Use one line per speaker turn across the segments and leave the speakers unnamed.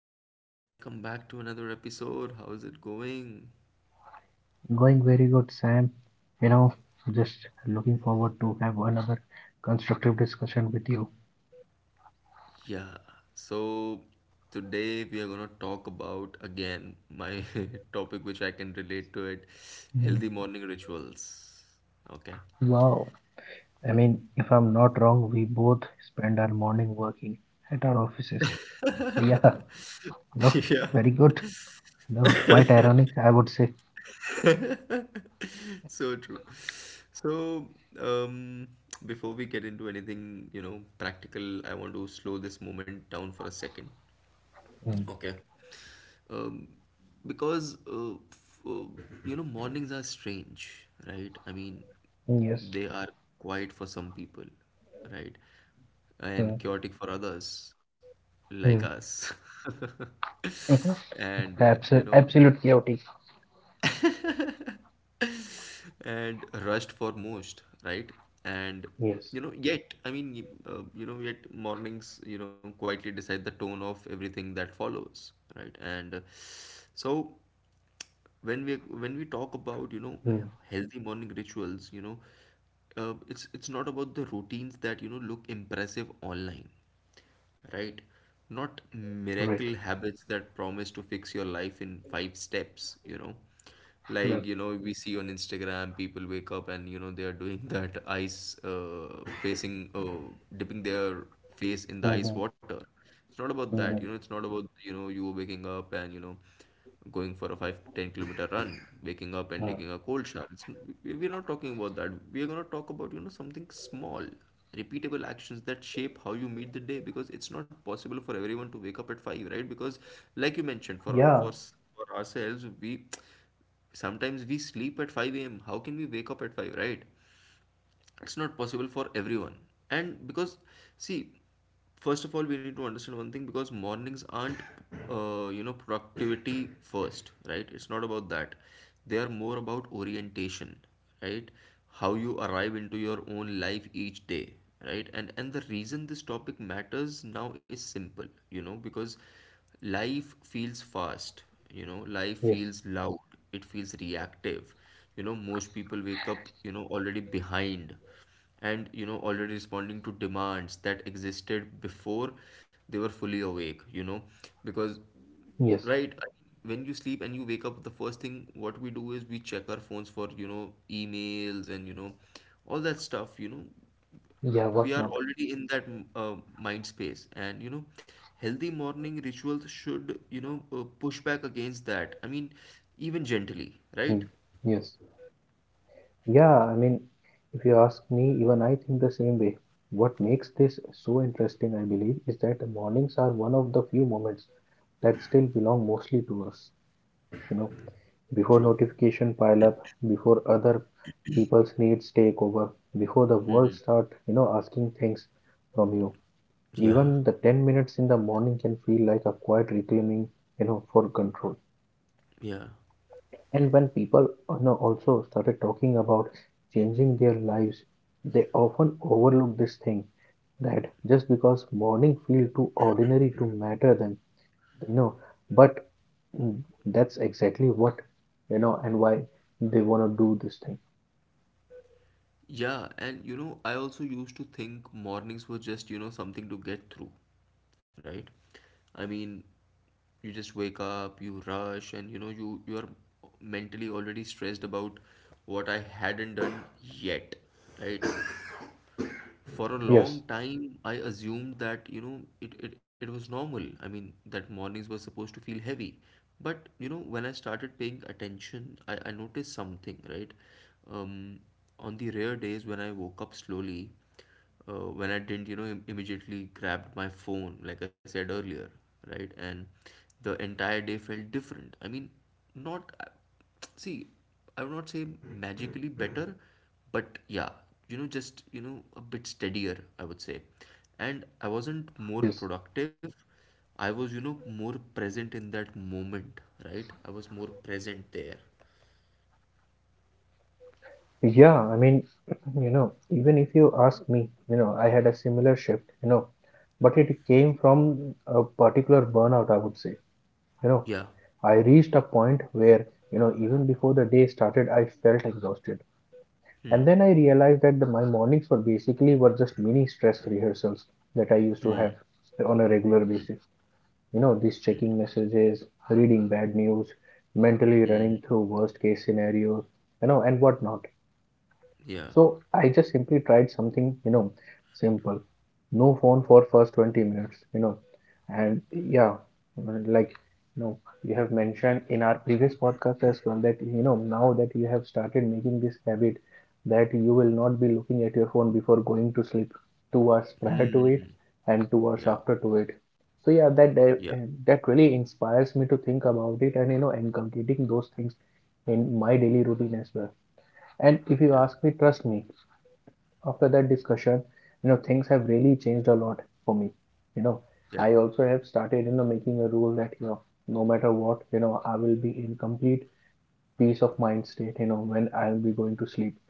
what's up? Welcome back to another episode. How's it going?
Going very good, Sam. You know, so just looking forward to have another constructive discussion with you.
Yeah, so today we are going to talk about again my topic which I can relate to it,
Mm,
healthy morning rituals. Okay.
Wow. I mean, if I'm not wrong, we both spend our morning working at our offices. So yeah, no,
Yeah,
very good. No, quite ironic, I would say.
so true. So, um, before we get into anything, you know, practical, I want to slow this moment down for a second.
Mm.
Okay. um, because, you know, mornings are strange, right? I mean,
Yes.
they are quiet for some people, right, and
Mm,
chaotic for others like
mm.
us. and
Mhm.
uh, you know,
Absolute chaotic.
and rushed for most, right. And you
Yes.
know, yet, I mean, you know, yet mornings, you know, quietly decide the tone of everything that follows, right. And so when we when we talk about, you know,
Mm.
healthy morning rituals, you know, it's not about the routines that, you know, look impressive online, right. Not miracle
Right.
habits that promise to fix your life in five steps, you know, like,
Right.
you know, we see on Instagram. People wake up and, you know, they are doing that ice, facing, dipping their face in the ice
Mm-hmm.
water. It's not about that, you know.
Mm-hmm.
It's not about, you know, you waking up and, you know, going for a 5-10 kilometer run, waking up and
Mm.
taking a cold shower. It's, we- we're not talking about that. We're going to talk about, you know, something small, repeatable actions that shape how you meet the day, because it's not possible for everyone to wake up at 5, right, because like you mentioned,
Yeah.
for ourselves, we sometimes we sleep at 5 a.m. How can we wake up at 5, right? It's not possible for everyone. And because, see, first of all, we need to understand one thing, because mornings aren't, you know, productivity first, right. It's not about that. They are more about orientation, right, how you arrive into your own life each day, right. And the reason this topic matters now is simple, you know, because life feels fast, you know, life
Yes.
feels loud, it feels reactive, you know. Most people wake up, you know, already behind and, you know, already responding to demands that existed before they were fully awake, you know, because,
Yes.
right? I mean, when you sleep and you wake up, the first thing what we do is we check our phones for, you know, emails and, you know, all that stuff, you know.
Yeah.
We
What
are
not?
already in that mind space and, you know, healthy morning rituals should, you know, push back against that. I mean, even gently, right.
Hmm. Yes. Yeah, I mean, if you ask me, even I think the same way. What makes this so interesting, I believe, is that the mornings are one of the few moments that still belong mostly to us. You know, before
True.
notification pile up, before other people's needs take over, before the world start, asking things from you.
Yeah.
Even the 10 minutes in the morning can feel like a quiet reclaiming for control.
Yeah.
And when people also started talking about changing their lives, they often overlook this thing that just because morning feel too ordinary to matter them, you know, but mm, that's exactly what and why they want to do this thing.
Yeah, and you know, I also used to think mornings were just, you know, something to get through, right? I mean, you just wake up, you rush, and you know, you are mentally already stressed about what I hadn't done yet, right? For a long
Yes,
time, I assumed that, you know, it was normal. I mean, that mornings were supposed to feel heavy. But, you know, when I started paying attention, I noticed something, right? Um, on the rare days when I woke up slowly, when I didn't, you know, immediately grabbed my phone, like I said earlier, right? And the entire day felt different. I mean, not, see, I would not say magically better, but yeah, you know, just, you know, a bit steadier, I would say. And I wasn't more
yes,
productive, I was, you know, more present in that moment, right. I was more present there.
yeah. I mean, even if you ask me, I had a similar shift, but it came from a particular burnout, I would say. you know
Yeah.
I reached a point where, even before the day started, I felt exhausted. And then
Hmm.
I realized that my mornings were basically were just mini stress rehearsals that I used to have on a regular
Hmm.
basis. These checking messages, reading bad news, mentally running
Hmm.
through worst case scenarios, and whatnot.
Yeah.
So I just simply tried something, you know, simple. No phone for first 20 minutes, you know. And yeah, like, you know, you have mentioned in our previous podcast as well that, you know, now that you have started making this habit, that you will not be looking at your phone before going to sleep 2 hours prior to it
Hmm.
and 2 hours
Yeah,
after to it. So yeah, that that
yeah,
that really inspires me to think about it and, you know, inculcating those things in my daily routine as well. And if you
yeah,
ask me, trust me, after that discussion, you know, things have really changed a lot for me. You know,
yeah,
I also have started, you know, making a rule that, you know, no matter what, you know, I will be in complete peace of mind state, you know, when I will be going to sleep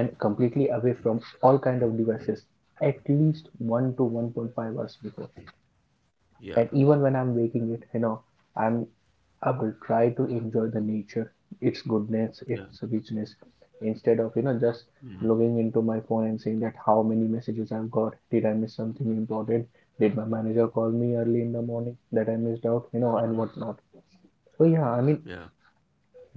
and completely away from all kind of devices at least 1 to 1.5 hours before.
yeah,
And even when I'm waking it, you know, I'm I will try to enjoy the nature, its goodness,
yeah.
its richness, instead of just
Hmm.
logging into my phone and saying that how many messages I've got. Did I miss something important? Did my manager call me early in the morning that I missed out? You know,
Hmm.
and whatnot. So yeah, I mean,
Yeah,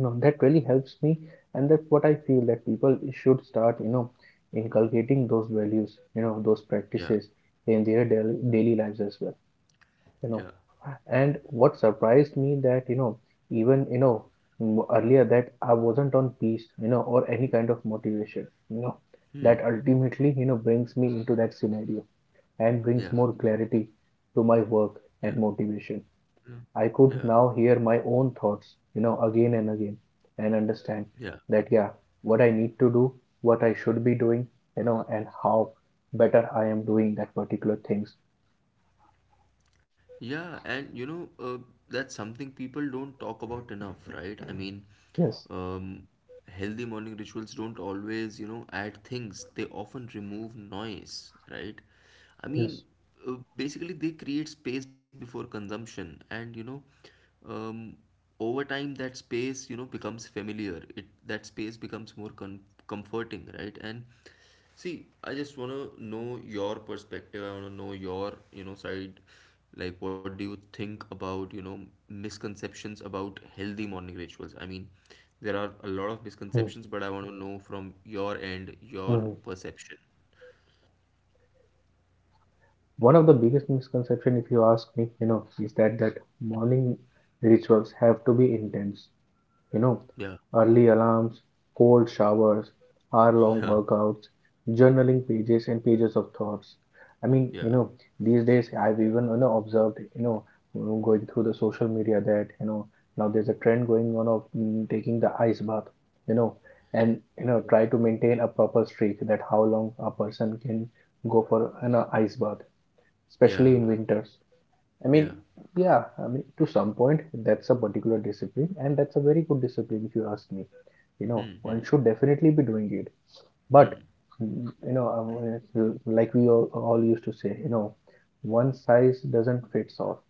you know, that really helps me, and that's what I feel that people should start, you know, inculcating those values, you know, those
yeah,
practices in their daily lives as well. You know,
yeah.
and what surprised me that even earlier that I wasn't on peace, you know, or any kind of motivation,
Hmm.
that ultimately, you know, brings me into that scenario and
Yeah,
brings more clarity to my work
yeah.
and motivation.
No,
I
yeah,
could now hear my own thoughts, you know, again and again, and understand
yeah.
that yeah, what I need to do, what I should be doing, you know, and how better I am doing that particular things.
Yeah, and you know, that's something people don't talk about enough, right? I mean,
Yes,
um, healthy morning rituals don't always, you know, add things. They often remove noise, right? I mean,
yes.
basically, they create space before consumption, and you know, um, over time, that space, you know, becomes familiar. It that space becomes more comforting, right? And see, I just want to know your perspective. I want to know your, you know, side. Like, what do you think about, you know, misconceptions about healthy morning rituals? I mean, there are a lot of
Hmm.
misconceptions, but I want to know from your end, your
Mhm.
perception.
One of the biggest misconception, if you ask me, you know, is that morning rituals have to be intense. You know,
Yeah,
early alarms, cold showers, hour-long
yeah,
workouts, journaling pages and pages of thoughts. I mean,
yeah,
you know, these days I've even, observed, you know, going through the social media that now there's a trend going on of taking the ice bath, you know, and try to maintain a proper streak that how long a person can go for an ice bath,
yeah,
especially in winters. I
yeah, yeah.
mean, yeah, I mean, to some point, that's a particular discipline, and that's a very good discipline if you ask me. You know,
Hmm, hmm,
one should definitely be doing it. But,
hmm.
like we all used to say, you know, one size doesn't fits all.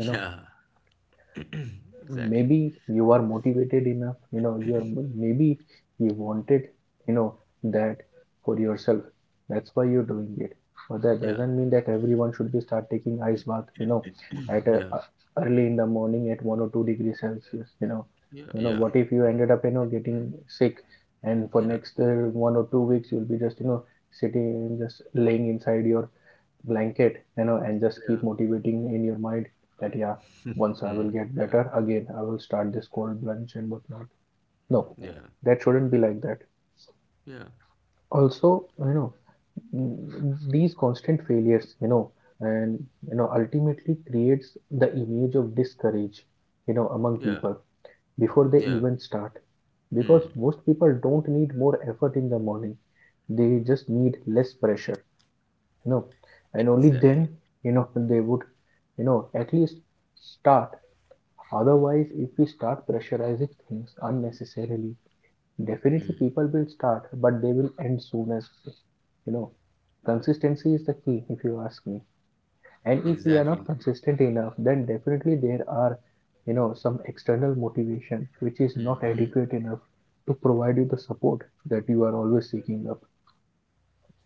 You know,
Yeah, exactly.
maybe you are motivated enough, you know, you're maybe you wanted, you know, that for yourself, that's why you're doing it, but that
Yeah,
doesn't mean that everyone should be start taking ice bath, you know, at
yeah,
early in the morning at 1 or 2 degrees celsius. You know,
yeah,
you know
yeah,
what if you ended up, you know, getting sick, and for
yeah,
next 1 or 2 weeks you'll be just, you know, sitting and just laying inside your blanket, you know, and just
yeah,
keep motivating in your mind that yeah, once I will
mhm,
get
yeah,
better again, I will start this cold plunge and whatnot. No,
yeah,
that shouldn't be like that.
yeah,
Also, you know, these constant failures, you know, and you know, ultimately creates the image of discourage, you know, among
yeah,
people before they
yeah.
even start.
Hmm.
Because most people don't need more effort in the morning, they just need less pressure, you know, and only then,
Exactly.
you know, they would, you know, at least start. Otherwise, if we start pressurizing things unnecessarily, definitely people will start but they will end soon, as you know, consistency is the key if you ask me, and if we are not
Exactly.
consistent enough, then definitely there are, you know, some external motivation which is not adequate enough to provide you the support that you are always seeking up.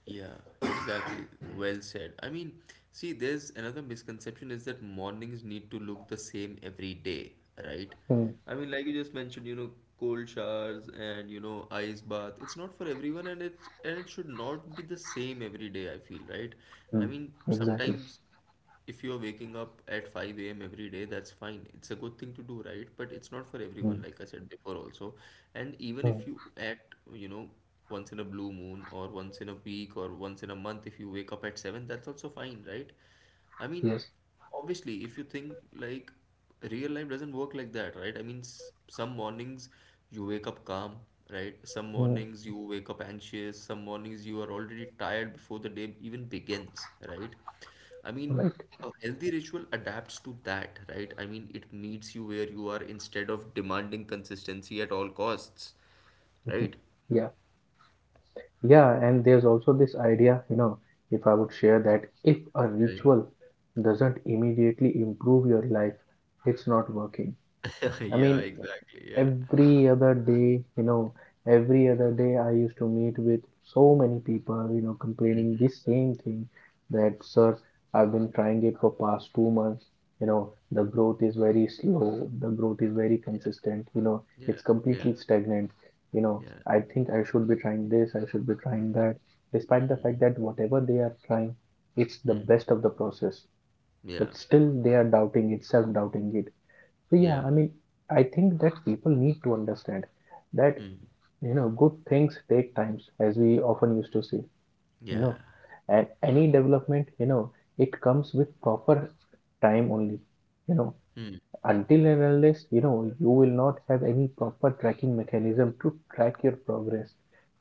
Yeah, exactly. Well said. I mean, see, there's another misconception is that mornings need to look the same every day, right?
Hmm,
I mean, like you just mentioned, you know, cold showers and, you know, ice bath. It's not for everyone and it should not be the same every day, I feel, right? I
hmm,
mean,
exactly.
sometimes if you're waking up at 5 a.m. every day, that's fine. It's a good thing to do, right? But it's not for everyone,
Hmm,
like I said before also. And even
hmm,
if you at, you know, once in a blue moon or once in a week or once in a month, if you wake up at 7, that's also fine, right? I mean,
yes.
obviously, if you think like real life doesn't work like that, right? I mean, some mornings you wake up calm, right? Some
Hmm.
mornings you wake up anxious, some mornings you are already tired before the day even begins, right? I mean,
Right.
a healthy ritual adapts to that, right? I mean, it meets you where you are instead of demanding consistency at all costs,
Mhm.
right?
Yeah. Yeah. And there's also this idea, you know, if I would share, that if a
Yeah,
ritual doesn't immediately improve your life, it's not working.
yeah.
I
Yeah,
mean,
exactly. Yeah.
every other day, you know, every other day I used to meet with so many people, you know, complaining
Mhm.
this same thing that, sir, I've been trying it for past 2 months. You know, the growth is very slow, the growth is very
Yeah,
consistent, you know,
yeah,
it's
yeah,
completely stagnant. You know,
yeah.
I think I should be trying this, I should be trying that, despite the fact
Mm,
that whatever they are trying, it's the
mm.
best of the process,
Yeah,
but still they are doubting it, self doubting it. So yeah,
yeah.
I mean, I think that people need to understand that,
Mm.
you know, good things take times, as we often used to say, you know,
Yeah.
and any development, you know, it comes with proper time only, you know.
Mm.
Until and unless, you know, you will not have any proper tracking mechanism to track your progress,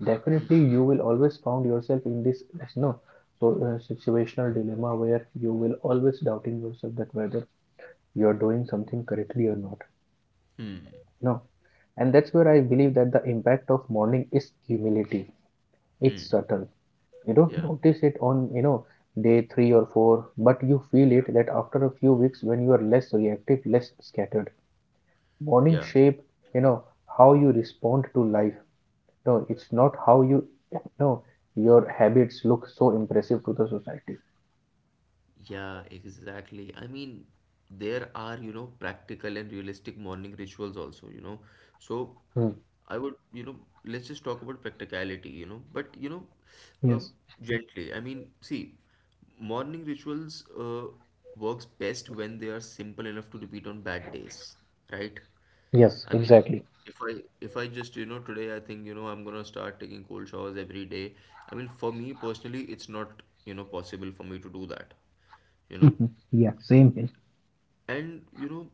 definitely
Mm.
you will always found yourself in this, you know, so situational dilemma where you will always doubting yourself that whether you are doing something correctly or not. No. And that's where I believe that the impact of morning is humility. It's
Mm.
subtle. You don't
Yeah.
notice it on, you know, day three or four, but you feel it
Yeah.
that after a few weeks when you are less reactive, less scattered. Morning
Yeah.
shape, you know, how you respond to life. No, it's not how you, you know, your habits look so impressive to the society.
Yeah, exactly. I mean, there are, you know, practical and realistic morning rituals also, you know. So
Hmm.
I would, you know, let's just talk about practicality, you know, but, you know, uh,
Yes.
gently. I mean, see, morning rituals works best when they are simple enough to repeat on bad days, right?
Yes,
I mean,
exactly.
if I just, you know, today I think, you know, I'm gonna start taking cold showers every day. I mean, for me personally, it's not, you know, possible for me to do that, you know.
Mhm. Yeah, same here.
And, you know,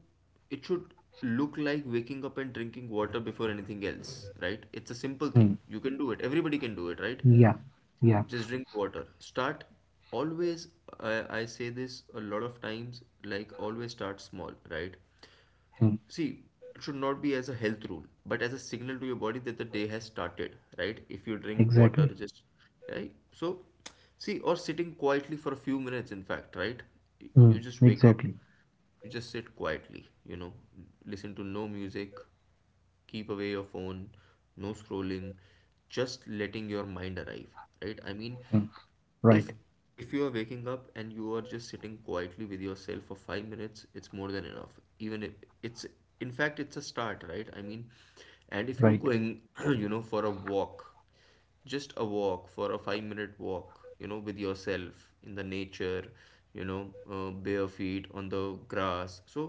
it should look like waking up and drinking water before anything else, right? It's a simple thing.
Hmm.
You can do it. Everybody can do it, right?
Yeah, yeah.
Just drink water. Start always, I say this a lot of times, like always start small, right?
Hmm.
See, it should not be as a health rule, but as a signal to your body that the day has started, right? If you drink water,
Exactly.
just right. So, see, or sitting quietly for a few minutes, in fact, right?
Hmm.
You just wake up,
Exactly.
you just sit quietly, you know, listen to no music, keep away your phone, no scrolling, just letting your mind arrive, right. I mean,
Hmm.
if
Right.
if you are waking up and you are just sitting quietly with yourself for 5 minutes, it's more than enough. Even if it's, in fact it's a start, right. I mean, and if you're
Right,
going you know, for a walk, just a walk, for a 5-minute walk, you know, with yourself in the nature, you know, bare feet on the grass. So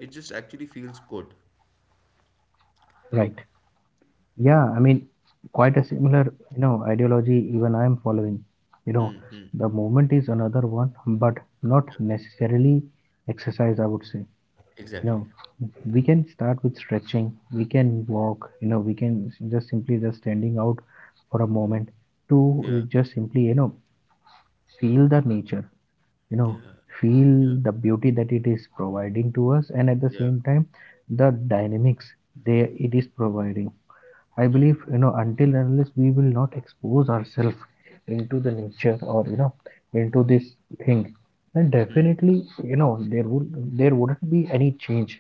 it just actually feels good.
right. Yeah, I mean, quite a similar, you know, ideology even I am following. You know, the movement is another one, but not necessarily exercise, I would say. You
Exactly.
know, we can start with stretching, we can walk, you know, we can just simply just standing out for a moment to
Yeah,
just simply, you know, feel the nature, you know,
yeah,
feel
yeah,
the beauty that it is providing to us, and at the
yeah,
same time, the dynamics they it is providing. I believe,
mm,
you know, until and unless we will not expose ourselves into the nature or, you know, into this thing, then
mm,
definitely, you know, there wouldn't be any change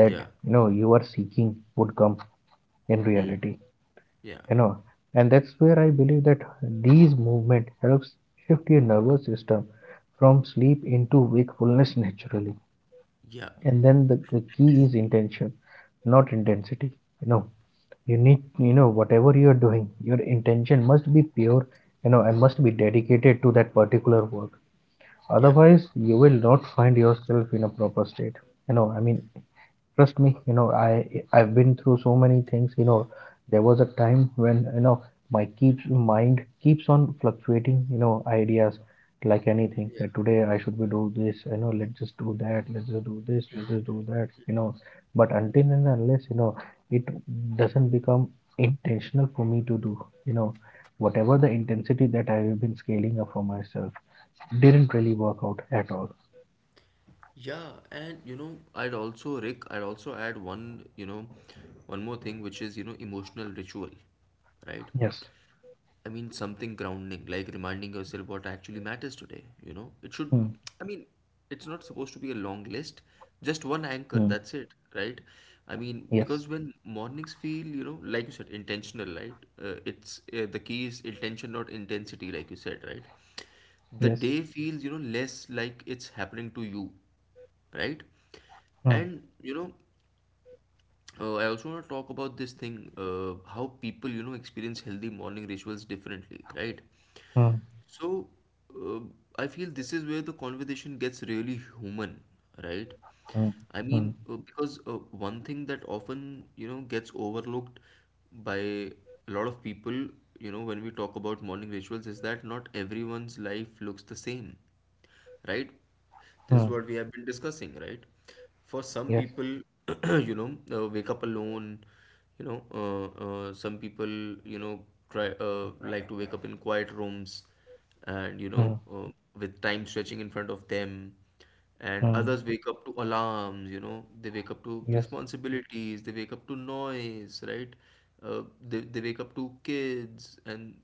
that,
yeah,
you know, you are seeking would come in
mm,
reality.
yeah,
You know, and that's where I believe that these movement helps shift your nervous system from sleep into wakefulness naturally.
yeah,
And then the key is intention, not intensity. You know, you need, you know, whatever you are doing, your intention must be pure, you know, and must be dedicated to that particular work,
yeah,
otherwise you will not find yourself in a proper state, you know, I mean. Trust me, you know, I've been through so many things, you know. There was a time when, you know, my keeps mind keeps on fluctuating, you know, ideas like anything
yeah,
that today I should be do this, you know, let's just do that, let's just do this, let's just do that, you know. But until and unless, you know, it doesn't become intentional for me to do, you know, whatever the intensity that I have been scaling up for myself didn't really work out at all.
yeah. And you know, I'd also, Rick, I'd also add one, you know, one more thing, which is, you know, emotional ritual, right?
Yes.
I mean, something grounding, like reminding yourself what actually matters today, you know? It should,
Hmm.
I mean, it's not supposed to be a long list, just one anchor,
Hmm.
that's it, right? I mean,
Yes.
because when mornings feel, you know, like you said, intentional, right? It's the key is intention, not intensity, like you said, right? The
Yes.
day feels, you know, less like it's happening to you, right?
Hmm.
And you know, I also want to talk about this thing, how people, you know, experience healthy morning rituals differently, right?
Hmm.
So, uh, I feel this is where the conversation gets really human, right?
Mm,
I mean,
mm,
because one thing that often, you know, gets overlooked by a lot of people, you know, when we talk about morning rituals is that not everyone's life looks the same, right? This is
mm.
what we have been discussing, right? For some
Yes.
people, you know, wake up alone, you know, some people, you know, try like to wake up in quiet rooms and, you know,
Mm,
with time stretching in front of them. And
mm.
others wake up to alarms, you know, they wake up to
Yes.
responsibilities, they wake up to noise, right? They wake up to kids and,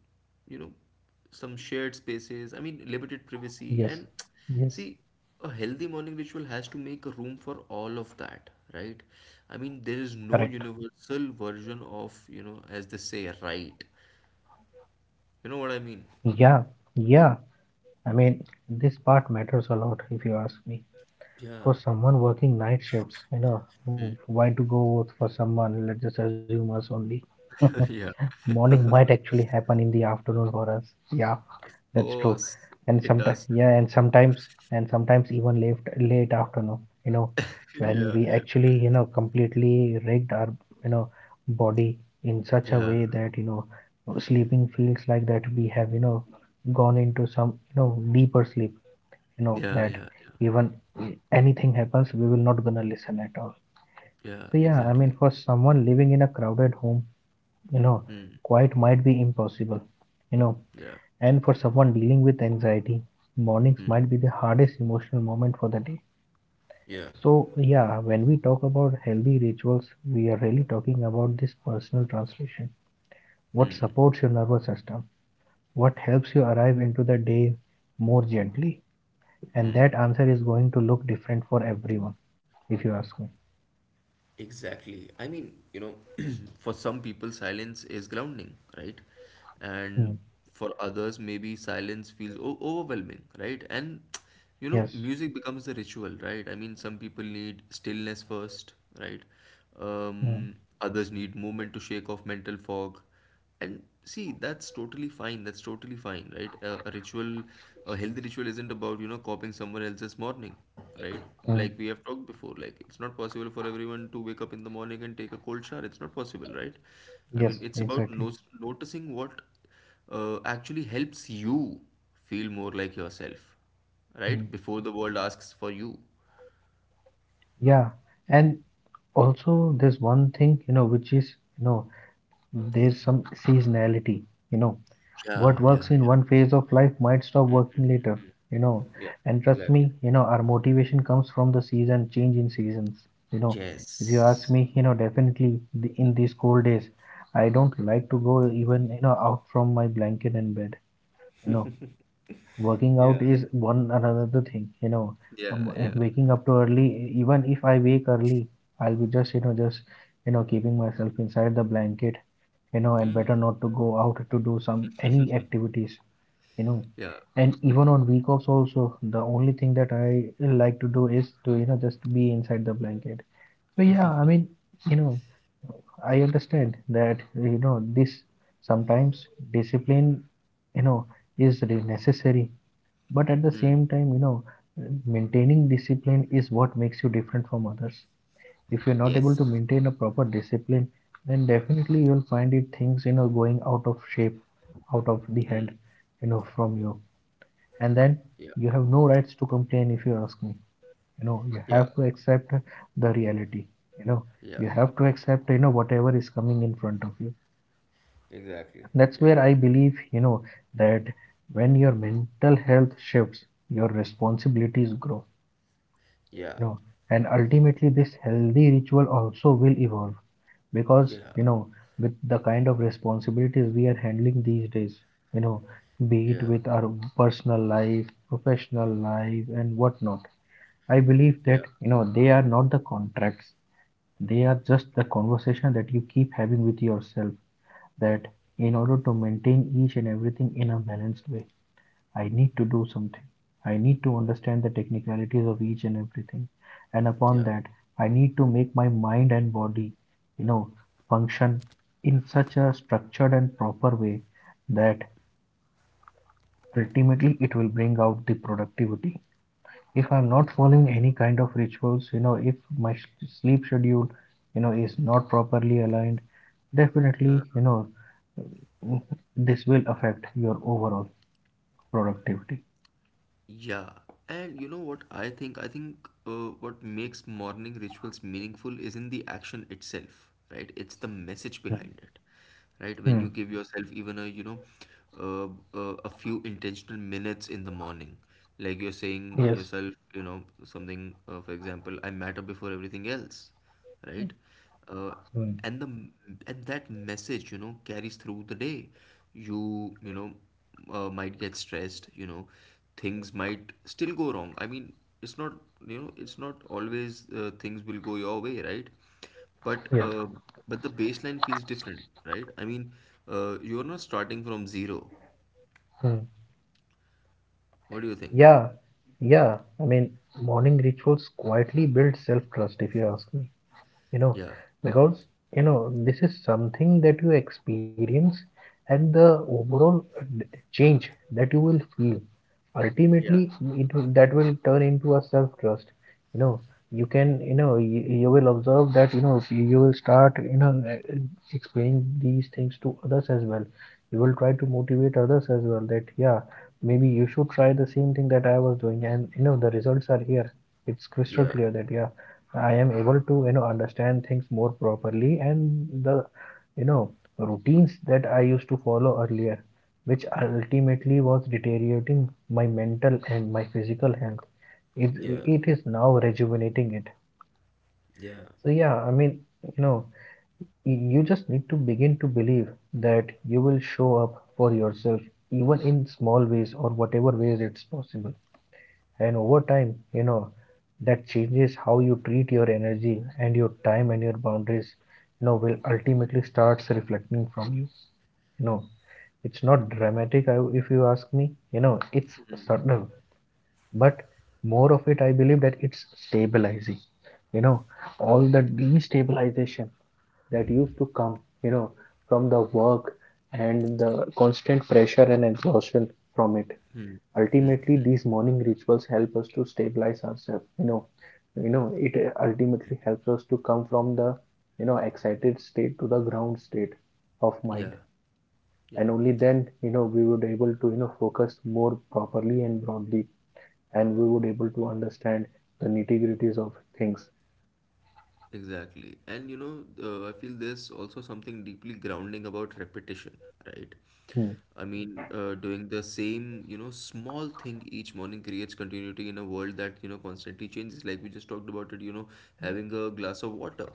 you know, some shared spaces, I mean, limited privacy. And
Yes. Yes.
see, a healthy morning ritual has to make a room for all of that, right? I mean, there is no
Correct.
universal version of, you know, as they say, right. You know what I mean?
Yeah. Yeah. I mean, this part matters a lot if you ask me.
Yeah.
For someone working night shifts, you know, why to go with for someone, let's just assume us only.
Yeah,
Morning might actually happen in the afternoon for us. Yeah.
of
That's true.
course,
And
it
sometimes,
does.
yeah, and sometimes even late, late afternoon, you know, when
Yeah,
we
yeah.
actually, you know, completely rigged our, you know, body in such a
Yeah,
way that, you know, sleeping feels like that we have, you know, gone into some, you know, deeper sleep, you know,
yeah,
that
yeah, yeah,
even anything happens, we will not gonna listen at all.
yeah,
So, yeah, I
exactly.
mean, for someone living in a crowded home, you know,
Hmm,
quiet might be impossible, you know,
yeah,
and for someone dealing with anxiety, mornings
hmm.
might be the hardest emotional moment for the day.
Yeah.
So, yeah, when we talk about healthy rituals, we are really talking about this personal translation. What supports your nervous system? What helps you arrive into the day more gently? And that answer is going to look different for everyone, if you ask me.
Exactly. I mean, you know, for some people, silence is grounding, right? And
Mm.
for others, maybe silence feels o overwhelming, right? And, you know,
Yes.
music becomes the ritual, right? I mean, some people need stillness first, right?
Mm.
Um, others need movement to shake off mental fog. And see, that's totally fine. That's totally fine, right? A ritual, a healthy ritual isn't about, you know, copying someone else's morning, right?
Mm.
Like we have talked before, like it's not possible for everyone to wake up in the morning and take a cold shower. It's not possible, right? I mean,
Yes,
it's about no
exactly.
noticing what actually helps you feel more like yourself, right?
Mm.
Before the world asks for you.
Yeah. And also, there's one thing, you know, which is, you know, there's some seasonality, you know.
Yeah,
What
yeah,
works in
yeah.
one phase of life might stop working later, you know.
Yeah,
And trust me,
exactly.
you know, our motivation comes from the season, change in seasons, you know. If you ask
Yes.
me, you know, definitely the, in these cold days, I don't like to go even, you know, out from my blanket and bed, you know, working
Yeah.
out is one another thing, you know.
Yeah, yeah,
Waking up too early, even if I wake early, I'll be just, you know, just, you know, keeping myself inside the blanket, you know, and better not to go out to do some any activities, you know.
yeah.
And even on week offs also, the only thing that I like to do is to, you know, just be inside the blanket. So yeah, I mean, you know, I understand that, you know, this sometimes discipline, you know, is really necessary, but at the same time, you know, maintaining discipline is what makes you different from others. If you're not able
Yes.
to maintain a proper discipline, then definitely you'll find it things, you know, going out of shape, out of the hand, you know, from you, and then
Yeah.
you have no rights to complain, if you ask me. You know, you have
Yeah.
to accept the reality, you know.
Yeah.
You have to accept, you know, whatever is coming in front of you.
Exactly.
That's
Yeah.
where I believe, you know, that when your mental health shifts, your responsibilities grow,
Yeah.
you know, and ultimately this healthy ritual also will evolve, because,
Yeah.
you know, with the kind of responsibilities we are handling these days, you know, be it
Yeah.
with our personal life, professional life, and whatnot, I believe that,
Yeah.
you know, they are not the contracts, they are just the conversation that you keep having with yourself, that in order to maintain each and everything in a balanced way, I need to do something. I need to understand the technicalities of each and everything. And upon
Yeah.
that, I need to make my mind and body, you know, function in such a structured and proper way that ultimately it will bring out the productivity. If I'm not following any kind of rituals, you know, if my sleep schedule, you know, is not properly aligned,
Uh,
definitely, you know, this will affect your overall productivity.
yeah. And you know what I think? I think what makes morning rituals meaningful is in the action itself, right? It's the message
Hmm.
behind it, right? When
Hmm.
you give yourself even a, you know, a few intentional minutes in the morning, like you're saying
Yes.
yourself, you know, something, for example, I matter before everything else right? Uh,
Hmm.
and the and that message, you know, carries through the day. You know might get stressed. You know, things might still go wrong. I mean, it's not you know it's not always things will go your way, right? But
Yes.
uh, but the baseline feels different, right? I mean, you're not starting from zero.
Mm.
What do you think?
Yeah. Yeah. I mean, morning rituals quietly build self-trust, if you ask me. You know,
Yeah,
because, you know, this is something that you experience, and the overall change that you will feel,
yeah,
ultimately it will, that will turn into a self trust, you know. You can, you know, you will observe that, you know, you will start, you know, explaining these things to others as well. You will try to motivate others as well, that yeah, maybe you should try the same thing that I was doing, and you know the results are here. It's crystal
yeah,
clear that yeah, I am able to, you know, understand things more properly, and the, you know, routines that I used to follow earlier, which ultimately was deteriorating my mental and my physical health. It,
yeah,
it is now rejuvenating it.
yeah,
So, yeah, I mean, you know, you just need to begin to believe that you will show up for yourself, even in small ways or whatever ways it's possible. And over time, you know, that changes how you treat your energy and your time and your boundaries, you know, will ultimately starts reflecting from you. You know, it's not dramatic, if you ask me. You know, it's subtle, but more of it I believe that it's stabilizing, you know, all the destabilization that used to come, you know, from the work and the constant pressure and exhaustion from it. Ultimately these morning rituals help us to stabilize ourselves, you know. You know, it ultimately helps us to come from the, you know, excited state to the ground state of mind.
yeah, yeah.
And only then, you know, we would able to, you know, focus more properly and broadly, and we would able to understand the nitty-gritties of things.
Exactly. And you know, I feel there's also something deeply grounding about repetition, right?
Hmm.
I mean, doing the same, you know, small thing each morning creates continuity in a world that, you know, constantly changes. Like we just talked about it, you know, having a glass of water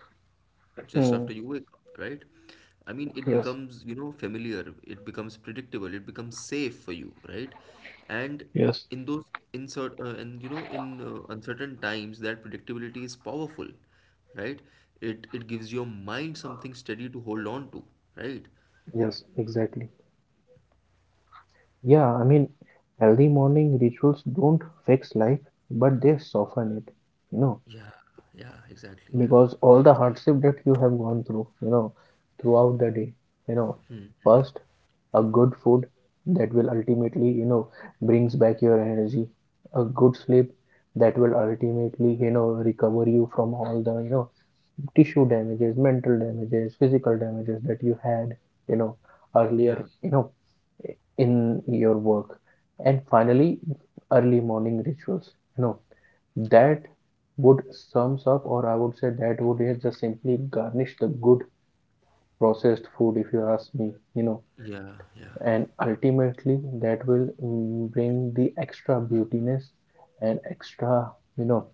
just
Hmm.
after you wake up, right? I mean, it
Yes.
becomes, you know, familiar, it becomes predictable, it becomes safe for you, right? And
Yes.
in those insert and you know, in uncertain times, that predictability is powerful, right? It gives your mind something steady to hold on to, right?
Yes, exactly. Yeah, I mean, healthy morning rituals don't fix life, but they soften it, you know,
Yeah, yeah, exactly, yeah.
because all the hardship that you have gone through, you know, throughout the day, you know, first a good food that will ultimately, you know, brings back your energy, a good sleep that will ultimately, you know, recover you from all the, you know, tissue damages, mental damages, physical damages that you had, you know, earlier,
Yeah,
you know, in your work. And finally, early morning rituals, you know, that would sums up, or I would say that would just simply garnish the good processed food, if you ask me, you know,
yeah, yeah,
and ultimately that will bring the extra beautiness and extra, you know,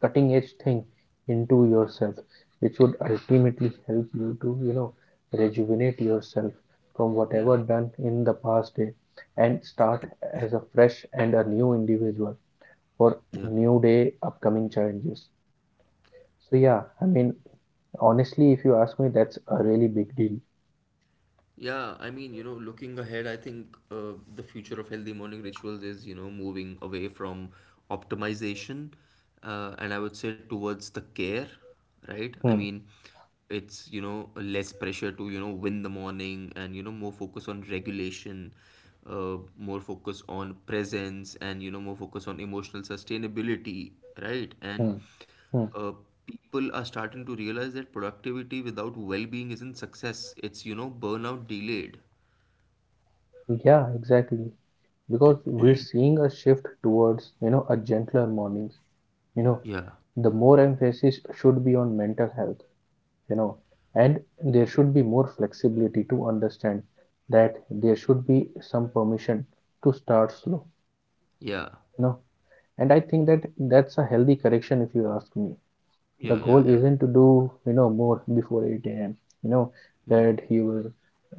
cutting edge thing into
yeah,
yourself, which would
yeah,
ultimately help you to, you know, rejuvenate yourself from
yeah,
whatever done in the past day, and start as a fresh and a new individual for
yeah.
new day upcoming challenges. So yeah, I mean, honestly, if you ask me, that's a really big deal.
Yeah, I mean, you know, looking ahead, I think the future of healthy morning rituals is, you know, moving away from optimization and I would say towards the care, right? I
Hmm,
mean, it's, you know, less pressure to, you know, win the morning and, you know, more focus on regulation, more focus on presence and, you know, more focus on emotional sustainability, right? And
hmm, hmm.
uh, people are starting to realize that productivity without well-being isn't success. It's, you know, burnout delayed.
Yeah, exactly, because we're seeing a shift towards, you know, a gentler mornings, you know,
Yeah,
the more emphasis should be on mental health, you know, and there should be more flexibility to understand that there should be some permission to start slow,
yeah,
you know. And I think that that's a healthy correction, if you ask me.
yeah,
The goal
yeah,
isn't to do, you know, more before 8 a.m., you know, that you will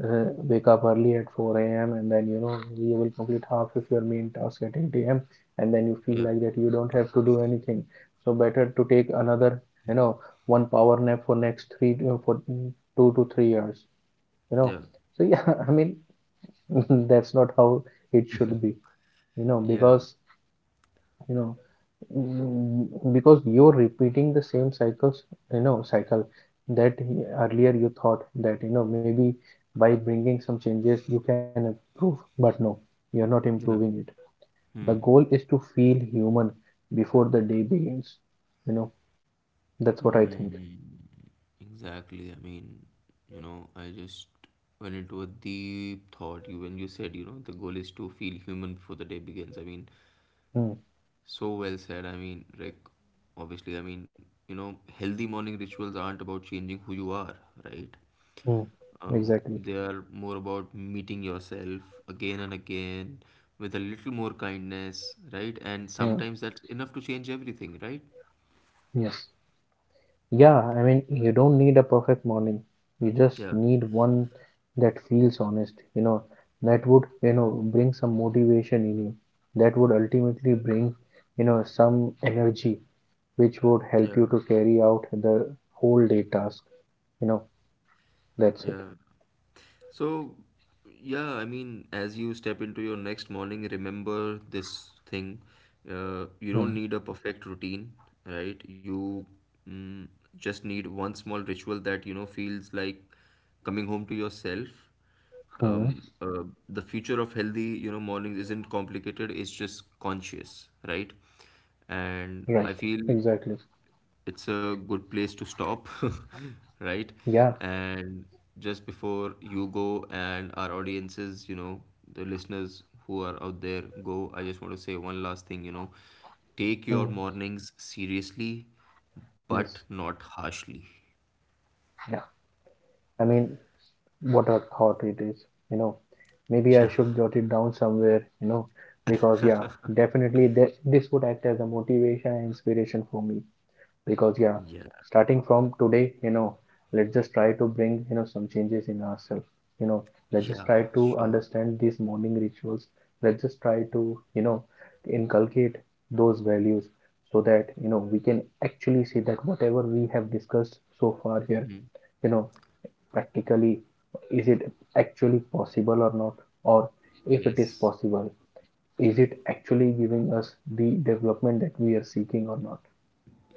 wake up early at 4 a.m. and then, you know, you will complete half of your main task at 8 a.m., and then you feel
yeah,
like that you don't have to do anything, so better to take another, you know, one power nap for next for 2 to 3 years, you know.
yeah, yeah,
So yeah, I mean, that's not how it should be, you know,
yeah,
because, you know, because you're repeating the same cycle that earlier you thought that, you know, maybe by bringing some changes you can improve, but no, you're not improving
yeah.
it. The
Hmm.
goal is to feel human before the day begins, you know. That's what I think.
Hmm. Exactly. I mean, you know, I just went into a deep thought. You when you said, you know, the goal is to feel human before the day begins. I mean,
Mm,
so well said. I mean, Rick, obviously, I mean, you know, healthy morning rituals aren't about changing who you are, right?
mm, exactly.
They are more about meeting yourself again and again with a little more kindness, right? And
Yeah.
sometimes that's enough to change everything, right?
Yes. Yeah, I mean, you don't need a perfect morning. You just
Yeah,
need one that feels honest, you know, that would, you know, bring some motivation in you, that would ultimately bring, you know, some energy which would help you
yeah,
to carry out the whole day task. You know, that's it.
yeah. So, yeah, I mean, as you step into your next morning, remember this thing. You
Hmm.
don't need a perfect routine, right? You mm, just need one small ritual that, you know, feels like coming home to yourself.
Hmm.
Um, uh, the future of healthy, you know, mornings isn't complicated, it's just conscious, right? And
Right.
I feel
Exactly.
it's a good place to stop, right?
Yeah.
And just before you go and our audiences, you know, the listeners who are out there go, I just want to say one last thing, you know, take
Hmm.
your mornings seriously, but
Yes.
not harshly.
Yeah. I mean, what a thought it is, you know. Maybe I
Yeah,
should jot it down somewhere, you know, because yeah, definitely this would act as a motivation and inspiration for me, because yeah,
yeah,
starting from today, you know, let's just try to bring, you know, some changes in ourselves, you know. Let's just
yeah,
try to
sure.
understand these morning rituals, let's just try to, you know, inculcate those values, so that, you know, we can actually see that whatever we have discussed so far here, you know, practically, is it actually possible or not, or if it is
Yes,
possible, is it actually giving us the development that we are seeking or not.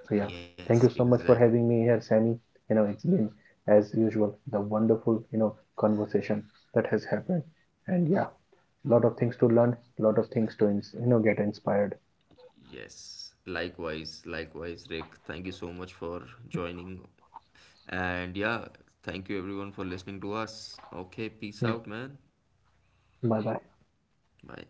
So yeah,
yes,
thank you so much for
exactly.
having me here, Sammy. You know, it's been, as usual, the wonderful, you know, conversation that has happened. And yeah, a lot of things to learn, a lot of things to you know, get inspired.
Yes, likewise, likewise, Rick. Thank you so much for joining. And yeah, thank you everyone for listening to us. Okay, peace out, man.
Bye bye.
Bye.